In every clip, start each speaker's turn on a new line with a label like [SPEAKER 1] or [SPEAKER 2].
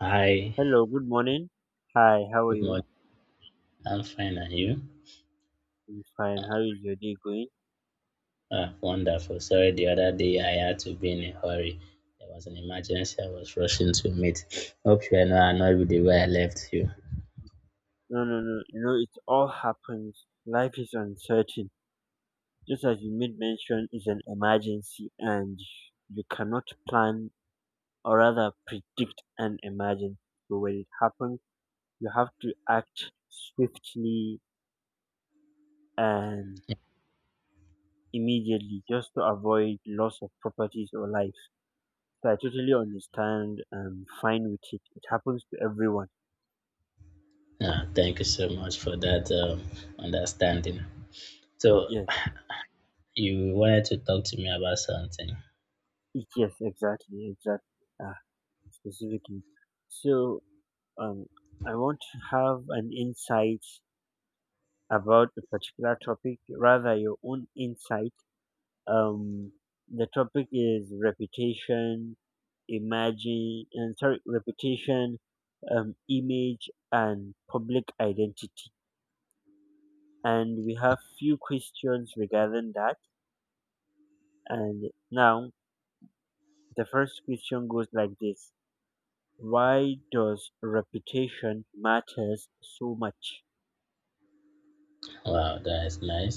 [SPEAKER 1] Hi,
[SPEAKER 2] Hello, good morning. Hi, how are
[SPEAKER 1] good
[SPEAKER 2] you?
[SPEAKER 1] morning. I'm fine, and you?
[SPEAKER 2] I'm fine. How is your day going?
[SPEAKER 1] Ah, wonderful. Sorry, the other day I had to be in a hurry. There was an emergency I was rushing to meet. Hope you are not annoyed with the way I left you.
[SPEAKER 2] No, no, no. You know, it all happens. Life is uncertain. Just as you made mention, is an emergency, and you cannot plan or rather predict an emergency. So when it happens, you have to act swiftly and
[SPEAKER 1] Yeah.
[SPEAKER 2] immediately just to avoid loss of properties or life. So I totally understand and fine with it. It happens to everyone.
[SPEAKER 1] Ah, thank you so much for that understanding. So,
[SPEAKER 2] Yes.
[SPEAKER 1] you wanted to talk to me about something.
[SPEAKER 2] Yes, exactly, exactly, uh, specifically. So, um, I want to have an insight about a particular topic, rather your own insight. Um, the topic is reputation, imagine, and sorry, reputation, image, and public identity. And we have few questions regarding that. And now the first question goes like this. Why does reputation matters so much?
[SPEAKER 1] Wow, that is nice.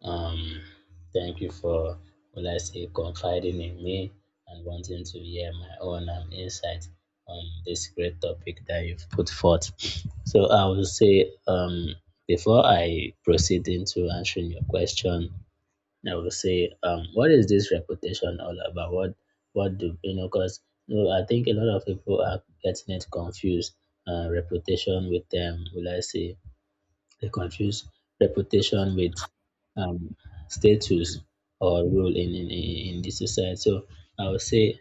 [SPEAKER 1] Um, Thank you for, will I say, confiding in me and wanting to hear my own insight on this great topic that you've put forth. So I will say, before I proceed into answering your question, I will say, what is this reputation all about? What do you know? Because I think a lot of people are getting it confused. Reputation with them, will I say? They confuse reputation with um, status or role in the society. So I would say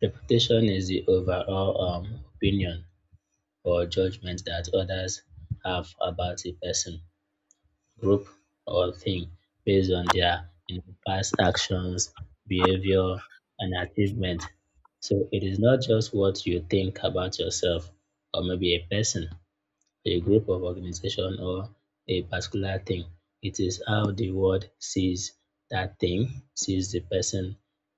[SPEAKER 1] reputation is the overall opinion or judgment that others have about a person, group, or thing based on their past actions, behavior, and achievement. So it is not just what you think about yourself or maybe a person, a group of organization or a particular thing. It is how the world sees that thing, sees the person,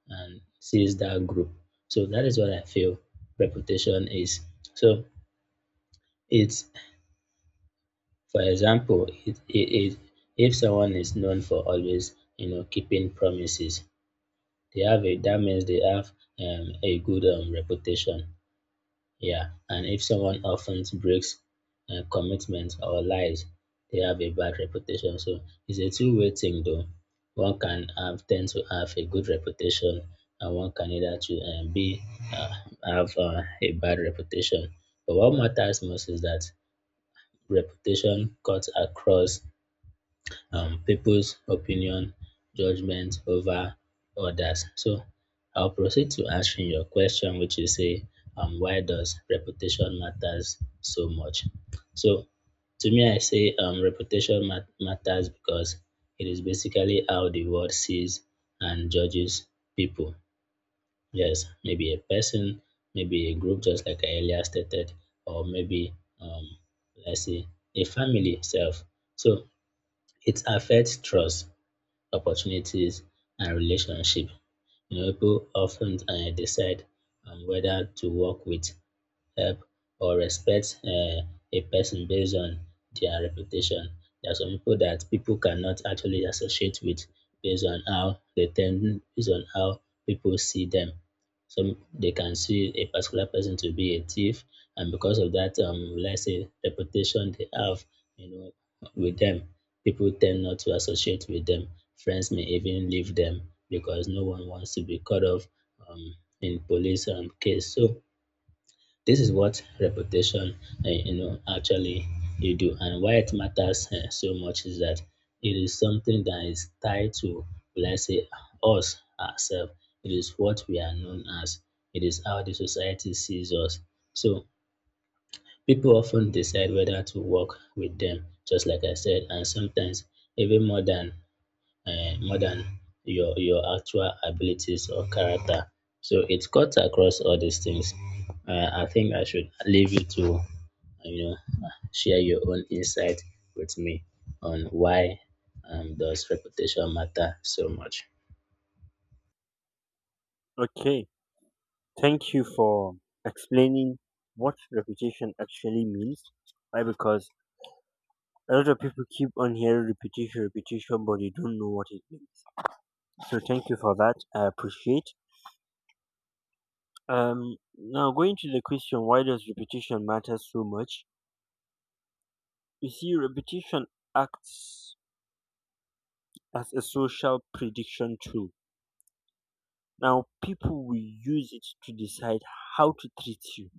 [SPEAKER 1] and sees that group. So that is what I feel reputation is. So it's, for example, if someone is known for always, keeping promises, that means they have a good reputation. Yeah, and if someone often breaks commitments or lies, they have a bad reputation. So it's a two-way thing, though. Tend to have a good reputation, and one can either to be uh, have a bad reputation. But what matters most is that reputation cuts across people's opinion, judgment over others. So I'll proceed to answering your question, which is say, why does reputation matters so much? So to me, I say reputation matters because it is basically how the world sees and judges people. Yes, maybe a person, maybe a group, just like I earlier stated, or maybe um, let's say a family itself. So it affects trust opportunities and relationship. People often decide on whether to work with help or respect a person based on their reputation. There are some people that people cannot actually associate with based on how they tend, based on how people see them. Some they can see a particular person to be a thief, and because of that, let's say reputation they have, you know, with them, people tend not to associate with them. Friends may even leave them because no one wants to be caught off um, in police case. So this is what reputation, actually you do, and why it matters so much is that it is something that is tied to, let's say, us ourselves. It is what we are known as. It is how the society sees us. So people often decide whether to work with them, just like I said, and sometimes even more than your actual abilities or character. So it cuts across all these things. I think I should leave you to you know share your own insight with me on why does reputation matter so much.
[SPEAKER 2] Okay, thank you for explaining what reputation actually means. Why? Because a lot of people keep on hearing reputation, reputation, but they don't know what it means. So thank you for that. I appreciate. Now going to the question, why does reputation matter so much? You see, reputation acts as a social prediction tool. Now people will use it to decide how to treat you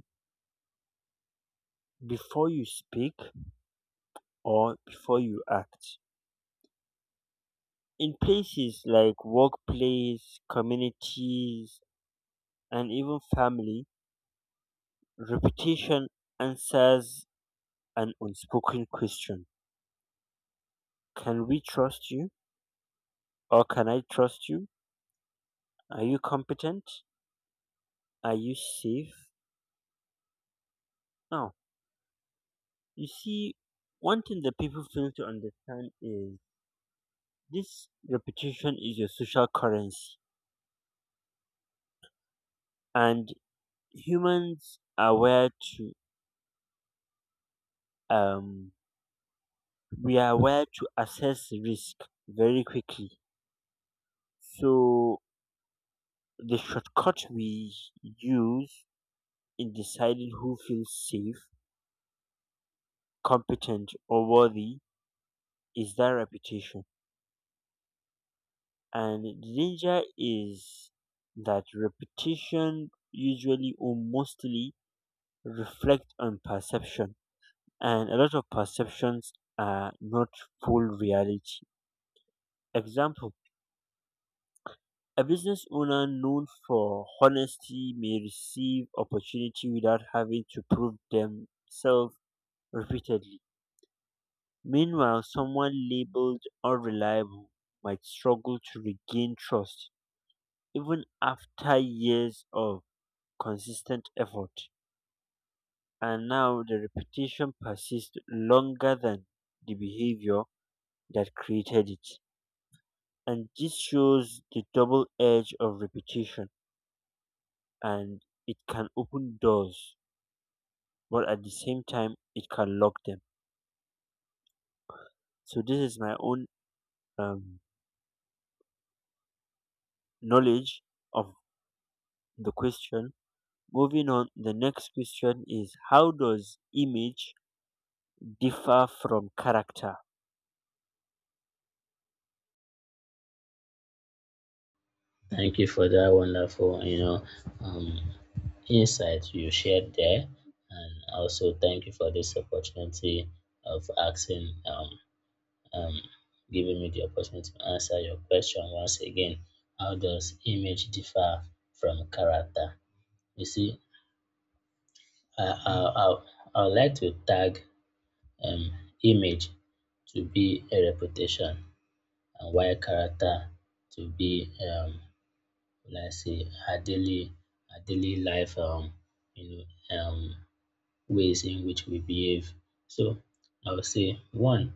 [SPEAKER 2] before you speak or before you act. In places like workplace, communities, and even family, reputation answers an unspoken question. Can we trust you? Or can I trust you? Are you competent? Are you safe? Now, you see, one thing that people fail to understand is this reputation is your social currency, and humans are where to um we are wired to assess risk very quickly. So the shortcut we use in deciding who feels safe, competent, or worthy is that reputation. And the danger is that reputation usually or mostly reflect on perception, and a lot of perceptions are not full reality. Example: a business owner known for honesty may receive opportunity without having to prove themselves repeatedly. Meanwhile, someone labeled unreliable might struggle to regain trust even after years of consistent effort. And now the reputation persists longer than the behavior that created it. And this shows the double edge of reputation, and it can open doors but at the same time it can lock them. So this is my own um, knowledge of the question. Moving on, the next question is how does image differ from character?
[SPEAKER 1] Thank you for that wonderful um, insight you shared there, and also thank you for this opportunity of asking um, giving me the opportunity to answer your question once again. How does image differ from character? You see, I, I, I, I would like to tag um, image to be a reputation and why character to be, let's say, our daily life, you know, um, ways in which we behave. So I would say, one,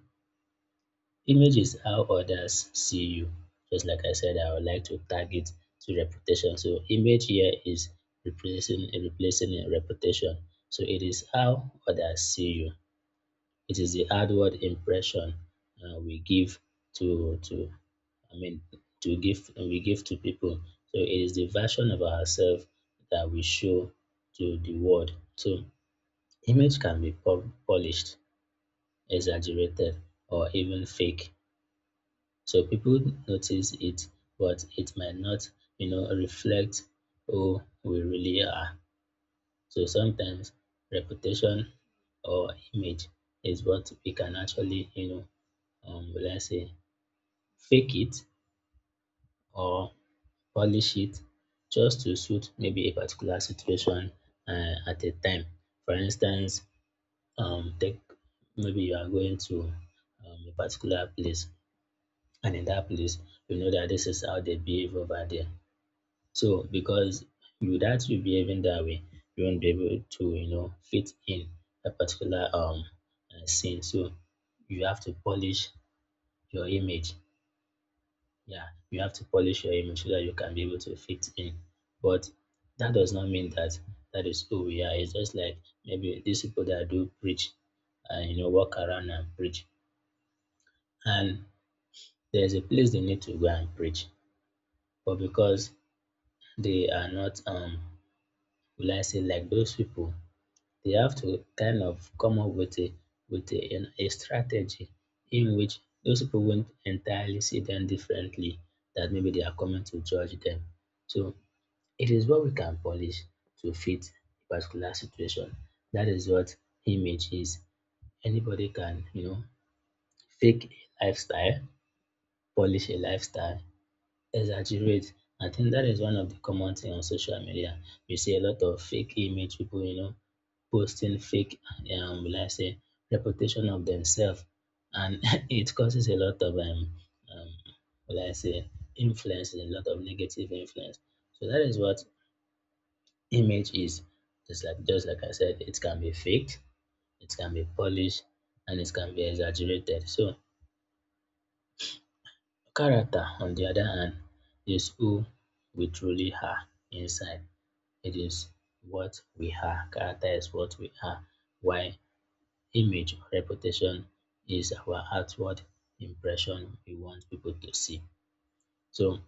[SPEAKER 1] image is how others see you. Just like I said, I would like to target to reputation. So image here is replacing a reputation. So it is how others see you. It is the outward impression we give to I mean to give we give to people. So it is the version of ourselves that we show to the world. So image can be polished, exaggerated, or even fake. So people notice it, but it might not, reflect who we really are. So sometimes reputation or image is what we can actually, let's say fake it or polish it just to suit maybe a particular situation at a time. For instance, take maybe you are going to a particular place, and in that place, you know that this is how they behave over there. So because without you behaving that way, you won't be able to, fit in a particular scene. So you have to polish your image. Yeah, you have to polish your image so that you can be able to fit in. But that does not mean that that is who we are. It's just like maybe these people that do preach and walk around and preach. And there's a place they need to go and preach. But because they are not will I say like those people they have to kind of come up with a strategy in which those people won't entirely see them differently, that maybe they are coming to judge them. So it is what we can polish to fit a particular situation. That is what image is. Anybody can, fake a lifestyle, polish a lifestyle, exaggerate. I think that is one of the common thing on social media. You see a lot of fake image people, posting fake, will I say, reputation of themselves, and it causes a lot of um, will I say, influence, a lot of negative influence. So that is what image is. Just like I said, it can be faked, it can be polished, and it can be exaggerated. So character, on the other hand, is who we truly are inside. It is what we are. Character is what we are, while image or reputation is our outward impression we want people to see. So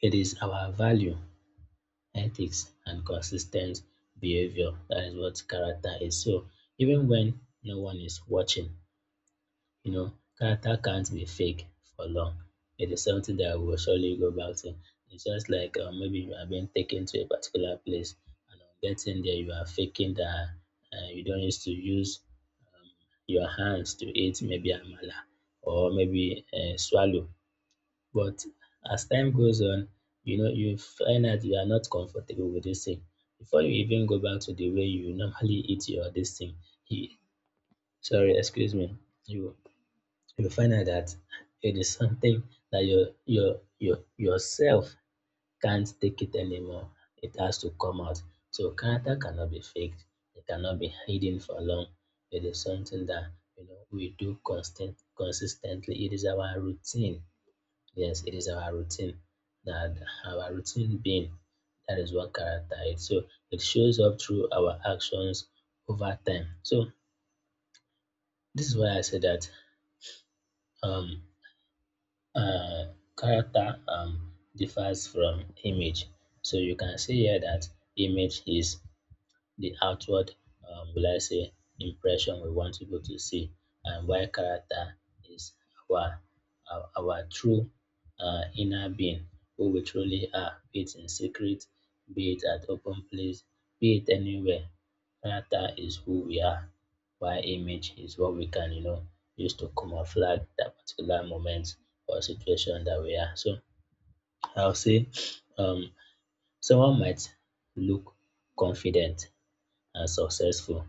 [SPEAKER 1] it is our value, ethics, and consistent behavior. That is what character is. So even when no one is watching, You know, character can't be fake for long. It is something that will surely go back to. It's just like maybe you are being taken to a particular place and on getting there you are faking that you don't used to use your hands to eat maybe amala or maybe swallow. But as time goes on, you find out you are not comfortable with this thing. Before you even go back to the way you normally eat your this thing, you, sorry, excuse me, you you will find out that it is something that your yourself can't take it anymore. It has to come out. So character cannot be faked. It cannot be hidden for long. It is something that we do constant consistently. It is our routine. Yes, it is our routine. That our routine being that is what character is. So it shows up through our actions over time. So this is why I say that um uh, character differs from image so you can say here that image is the outward, will I say, impression we want people to see, and why character is our our true inner being, who we truly are, be it in secret, be it at open place, be it anywhere. Character is who we are, while image is what we can, use to camouflage that particular moment or situation that we are. So I'll say, um, someone might look confident successful.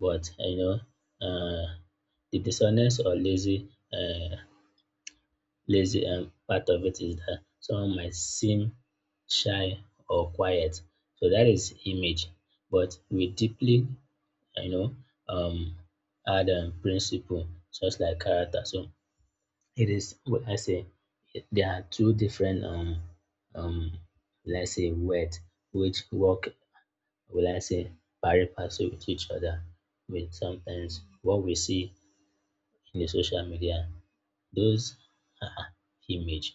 [SPEAKER 1] But the dishonest or lazy part of it is that someone might seem shy or quiet. So that is image. But we deeply, you know, um, add principle just like character. So it is what I say. There are two different um let's say word which work will I say, pari passu with each other with sometimes what we see in the social media. Those are image.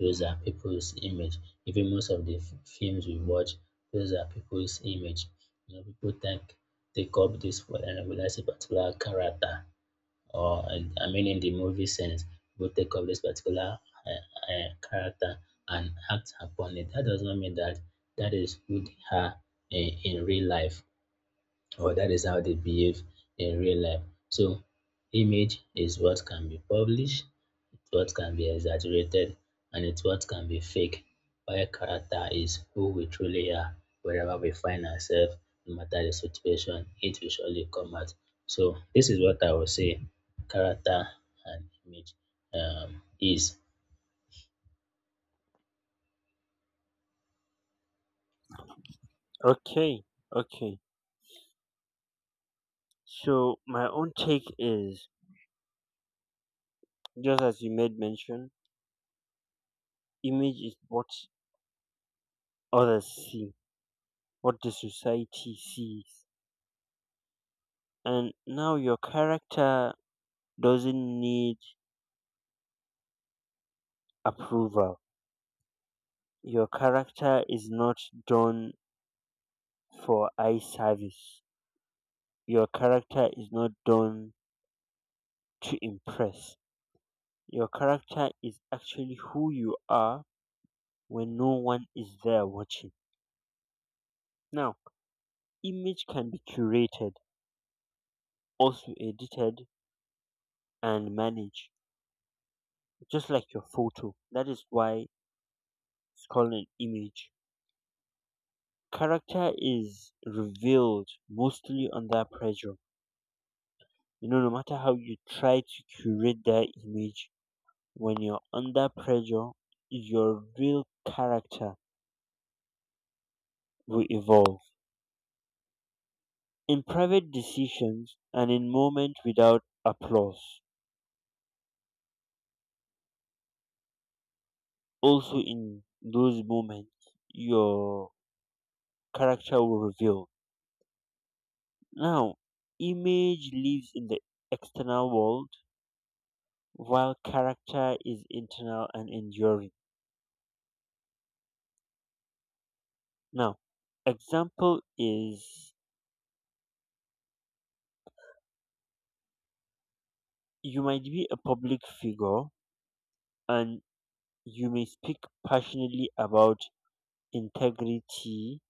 [SPEAKER 1] Those are people's image. Even most of the films we watch, those are people's image. People take up this for and will I say particular character or I mean in the movie sense, people take up this particular character and act upon it. That does not mean that that is who they are in real life or that is how they behave in real life. So image is what can be published, it's what can be exaggerated, and it's what can be fake. While character is who we truly are, wherever we find ourselves, no matter the situation, it will surely come out. So this is what I would say character and image is.
[SPEAKER 2] Okay, okay, so my own take is, just as you made mention, image is what others see, what the society sees. And now your character doesn't need approval. Your character is not done for eye service. Your character is not done to impress. Your character is actually who you are when no one is there watching. Now, image can be curated, also edited and managed, just like your photo. That is why it's called an image. Character is revealed mostly under pressure. You know, no matter how you try to curate that image, when you're under pressure, your real character will evolve. In private decisions and in moments without applause, also in those moments, your character will reveal. Now, image lives in the external world while character is internal and enduring. Now, example is, you might be a public figure and you may speak passionately about integrity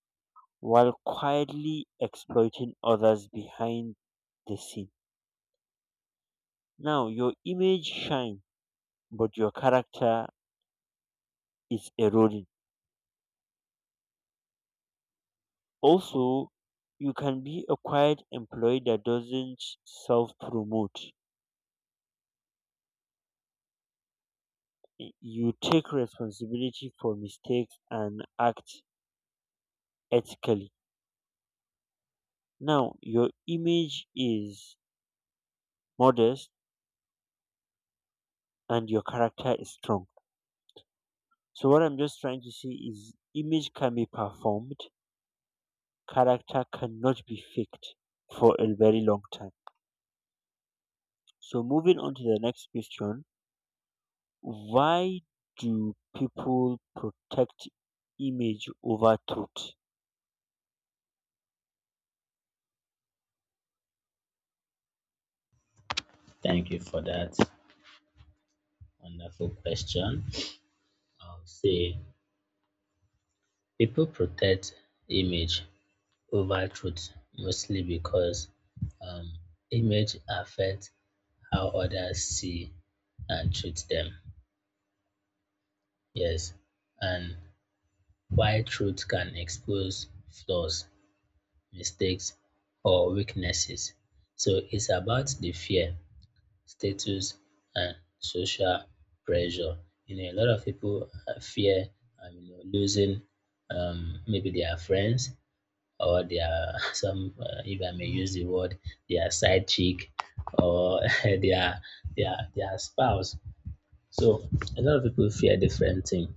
[SPEAKER 2] while quietly exploiting others behind the scene. Now, your image shines, but your character is eroding. Also, you can be a quiet employee that doesn't self promote. You take responsibility for mistakes and act ethically. Now, your image is modest and your character is strong. So, what I'm just trying to say is image can be performed, character cannot be faked for a very long time. So moving on to the next question, why do people protect image over truth?
[SPEAKER 1] Thank you for that wonderful question. I'll say people protect image over truth, mostly because um, image affects how others see and treat them. Yes, and why truth can expose flaws, mistakes, or weaknesses. So it's about the fear, status, and social pressure. A lot of people fear, you know, losing, maybe their friends, or their some if I may use the word, their side chick, or their their spouse. So a lot of people fear different thing,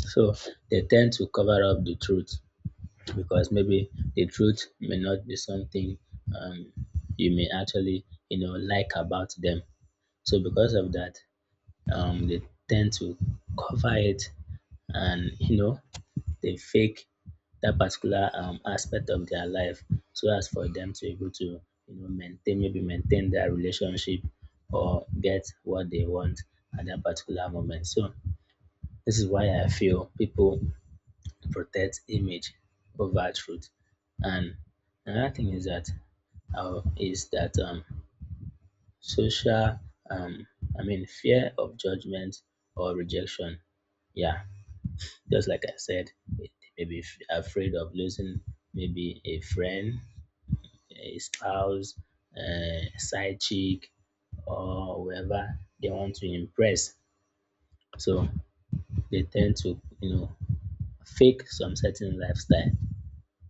[SPEAKER 1] so they tend to cover up the truth because maybe the truth may not be something, um, you may actually, you know, like about them. So because of that, they tend to cover it, and you know, they fake that particular aspect of their life so as for them to be able to, you know, maintain, maybe maintain their relationship or get what they want at that particular moment. So this is why I feel people protect image over truth. And another thing is that, is that, social, um, I mean fear of judgment or rejection. Yeah, just like I said, they may be afraid of losing maybe a friend, a spouse, a side chick, or whoever they want to impress. So they tend to, you know, fake some certain lifestyle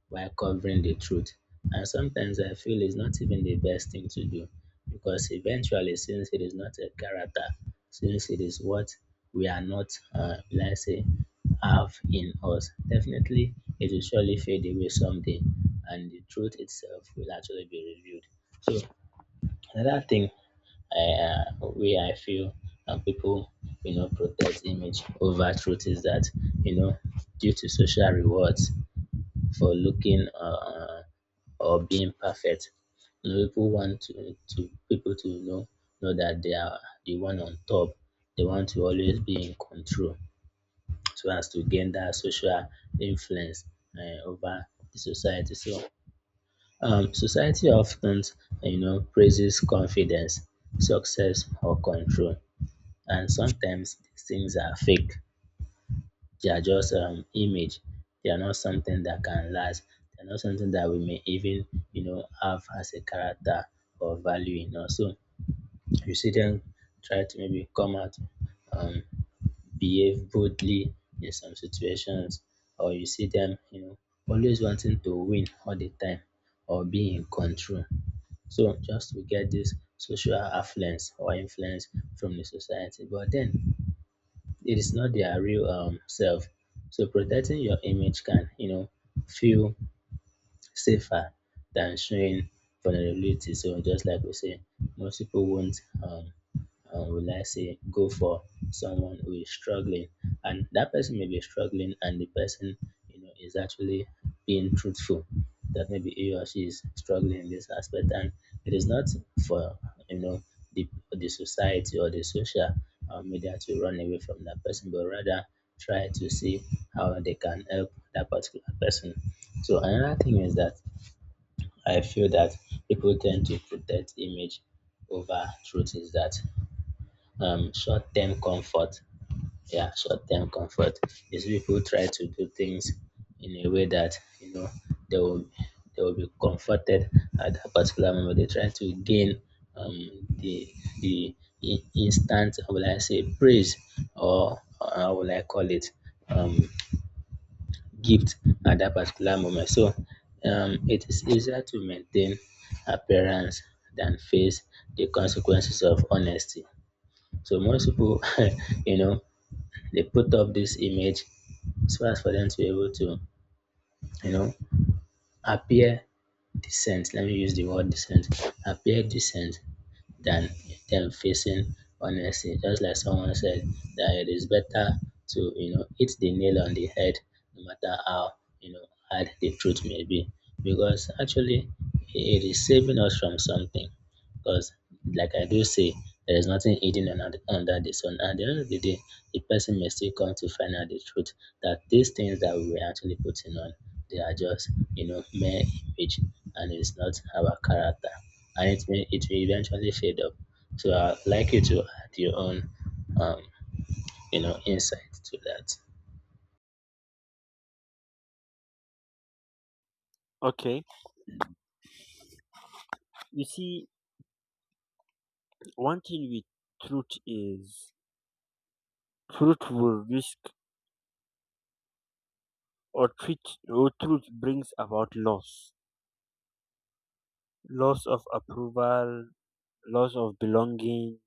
[SPEAKER 1] while covering the truth. And sometimes I feel it's not even the best thing to do because eventually, since it is not a character, since it is what we are not, let's say, have in us, definitely it will surely fade away someday and the truth itself will actually be revealed. So, another thing I, where I feel people, you know, protect image over truth is that, you know, due to social rewards for looking or being perfect. You know, people want to people to know that they are the one on top. They want to always be in control, so as to gain that social influence over the society. So, society often, you know, praises confidence, success, or control, and sometimes these things are fake. They are just image. They are not something that can last. They're not something that we may even, you know, have as a character or value in us. So you see them try to maybe come out, um, behave boldly in some situations, or you see them, you know, always wanting to win all the time or be in control. So just to get this social affluence or influence from the society. But then it is not their real self. So protecting your image can, you know, feel safer than showing vulnerability. So just like we say, most people won't, will I say, go for someone who is struggling. And that person may be struggling, and the person, you know, is actually being truthful that maybe he or she is struggling in this aspect. And it is not for, you know, the society or the social media to run away from that person, but rather try to see how they can help that particular person. So another thing is that I feel that people tend to protect image over truth is that, short-term comfort, yeah, short-term comfort is people try to do things in a way that, you know, they will they will be comforted at that particular moment. They try to gain, the the instant, how will I say, praise, or how will I call it, um, gift at that particular moment. So it is easier to maintain appearance than face the consequences of honesty. So most people, you know, they put up this image so as for them to be able to, you know, appear decent. Let me use the word decent. Appear decent than them facing honesty. Just like someone said, that it is better to, you know, hit the nail on the head, no matter how, you know, hard the truth may be. Because actually, it is saving us from something. Because, like I do say, there is nothing hidden under the sun. At the end of the day, the person may still come to find out the truth that these things that we were actually putting on, they are just, you know, mere image and it's not our character and it may eventually fade up. So I'd like you to add your own um you know insight to that.
[SPEAKER 2] Okay, you see, one thing with truth is truth will risk or treat, or truth brings about loss, loss of approval, loss of belonging,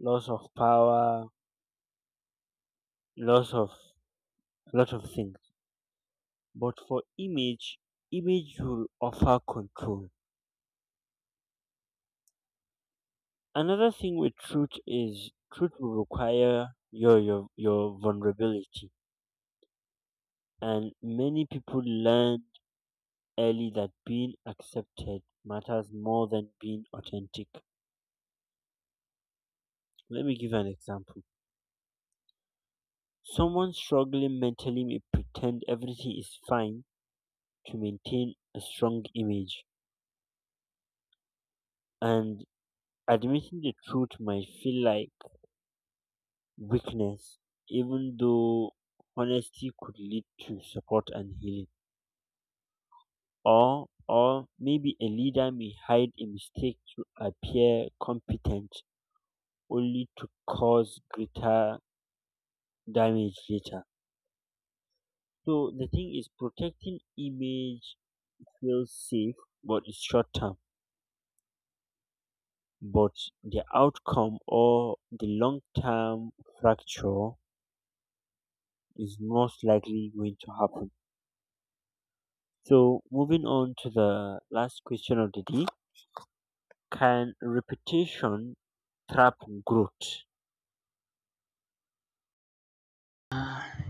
[SPEAKER 2] loss of power, loss of lot of things. But for image, image will offer control. Another thing with truth is truth will require your vulnerability, and many people learn early that being accepted matters more than being authentic. Let me give an example. Someone struggling mentally may pretend everything is fine to maintain a strong image, and admitting the truth might feel like weakness, even though honesty could lead to support and healing. Or maybe a leader may hide a mistake to appear competent only to cause greater damage later. So the thing is, protecting image feels safe but it's short term. But the outcome or the long term fracture is most likely going to happen. So moving on to the last question of the day. Can repetition trap growth?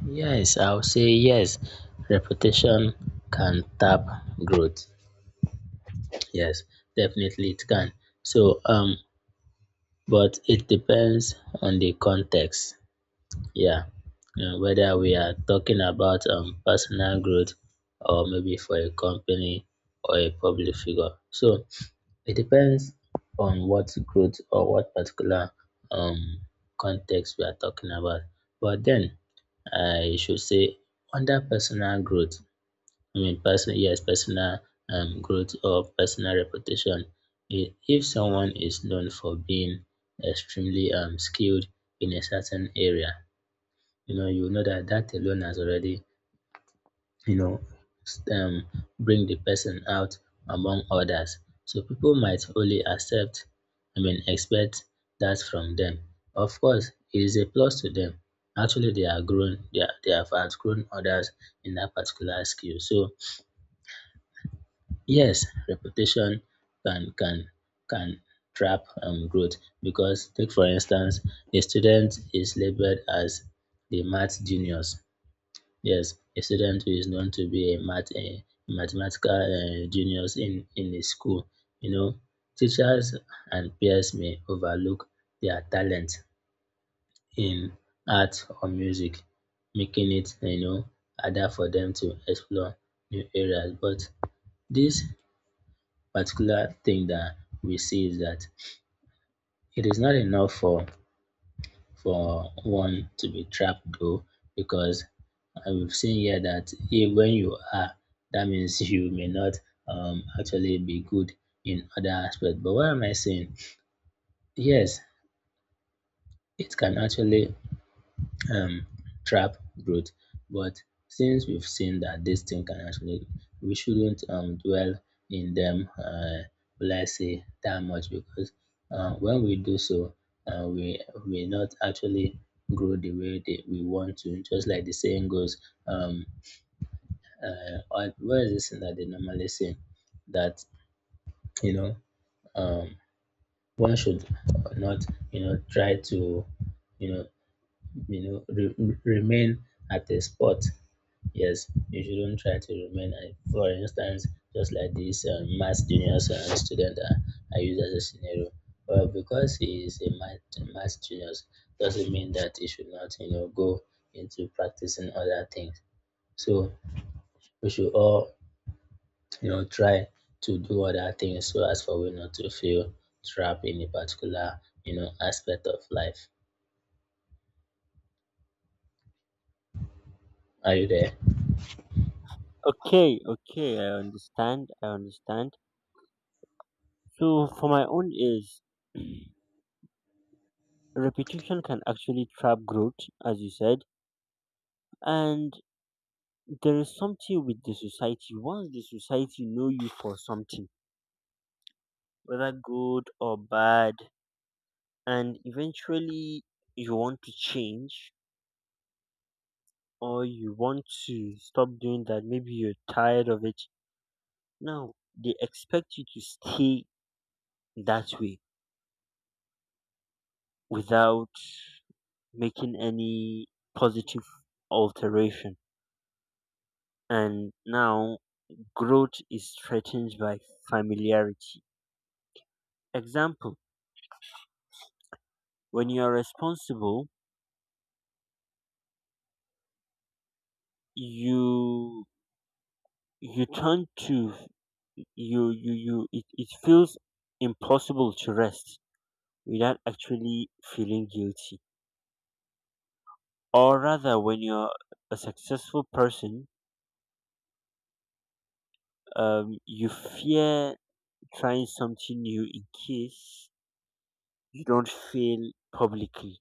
[SPEAKER 1] Yes, I'll say yes. Reputation can tap growth. Yes, definitely it can. So but it depends on the context. Yeah. You know, whether we are talking about personal growth or maybe for a company or a public figure. So it depends on what growth or what particular um, context we are talking about. But then I should say under personal growth, I mean person yes, personal growth or personal reputation. If someone is known for being extremely skilled in a certain area, you know that that alone has already, you know, um, bring the person out among others. So people might only accept, I mean, expect that from them. Of course, it is a plus to them. Actually, they are grown, they, are, they have outgrown others in that particular skill. So, yes, reputation can can can trap growth because, take for instance, a student is labeled as the math genius. Yes, a student who is known to be a math, mathematical, genius in a school. You know, teachers and peers may overlook their talent in art or music, making it, you know, harder for them to explore new areas. But this particular thing that we see is that it is not enough for one to be trapped though because I have seen here that if, when you are, that means you may not actually be good in other aspects. But what am I saying? Yes, it can actually um, trap growth. But since we've seen that this thing can actually, we shouldn't, dwell in them, will I say, that much because when we do so, uh, we we not actually grow the way that we want to. Just like the saying goes, um, what is this thing that they normally say? That, you know, um, one should not, you know, try to, you know, you know, remain at a spot. Yes, you shouldn't try to remain. For instance, just like this math juniors student, I use as a scenario. Well, because he is a math juniors, doesn't mean that he should not, you know, go into practicing other things. So we should all, you know, try to do other things so as for we not to feel trapped in a particular, you know, aspect of life. Are you there?
[SPEAKER 2] Okay, okay, I understand. I understand. So for my own is, repetition can actually trap growth, as you said. And there is something with the society. Once the society know you for something, whether good or bad, and eventually you want to change or you want to stop doing that, maybe you're tired of it. Now they expect you to stay that way without making any positive alteration. And now growth is threatened by familiarity. Example, when you are responsible, you you turn to you you you it, it feels impossible to rest without actually feeling guilty. Or rather when you're a successful person, you fear trying something new in case you don't fail publicly.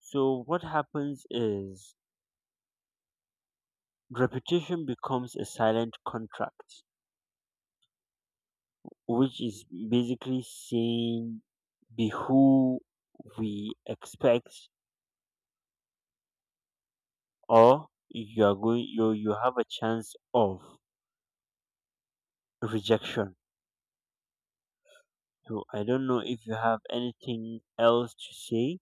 [SPEAKER 2] So what happens is reputation becomes a silent contract, which is basically saying, be who we expect or you are going you have a chance of rejection. So I don't know if you have anything else to say.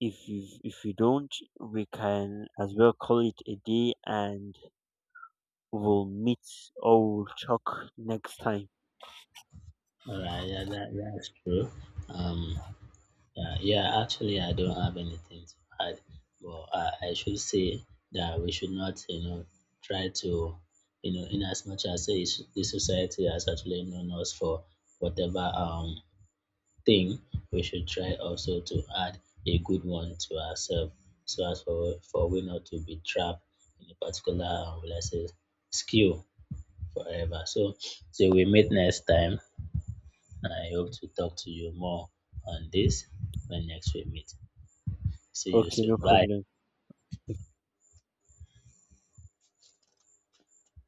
[SPEAKER 2] If you don't, we can as well call it a day and we'll meet or we'll talk next time.
[SPEAKER 1] All right, yeah, that's true. Um, Yeah, yeah, actually, I don't have anything to add, but I should say that we should not, you know, try to, you know, in as much as this the society has actually known us for whatever thing, we should try also to add a good one to ourselves, so as for we not to be trapped in a particular, will I say, skill forever. So, so we meet next time. I hope to talk to you more on this when next we meet. See you
[SPEAKER 2] Okay, no
[SPEAKER 1] soon. Bye.
[SPEAKER 2] problem.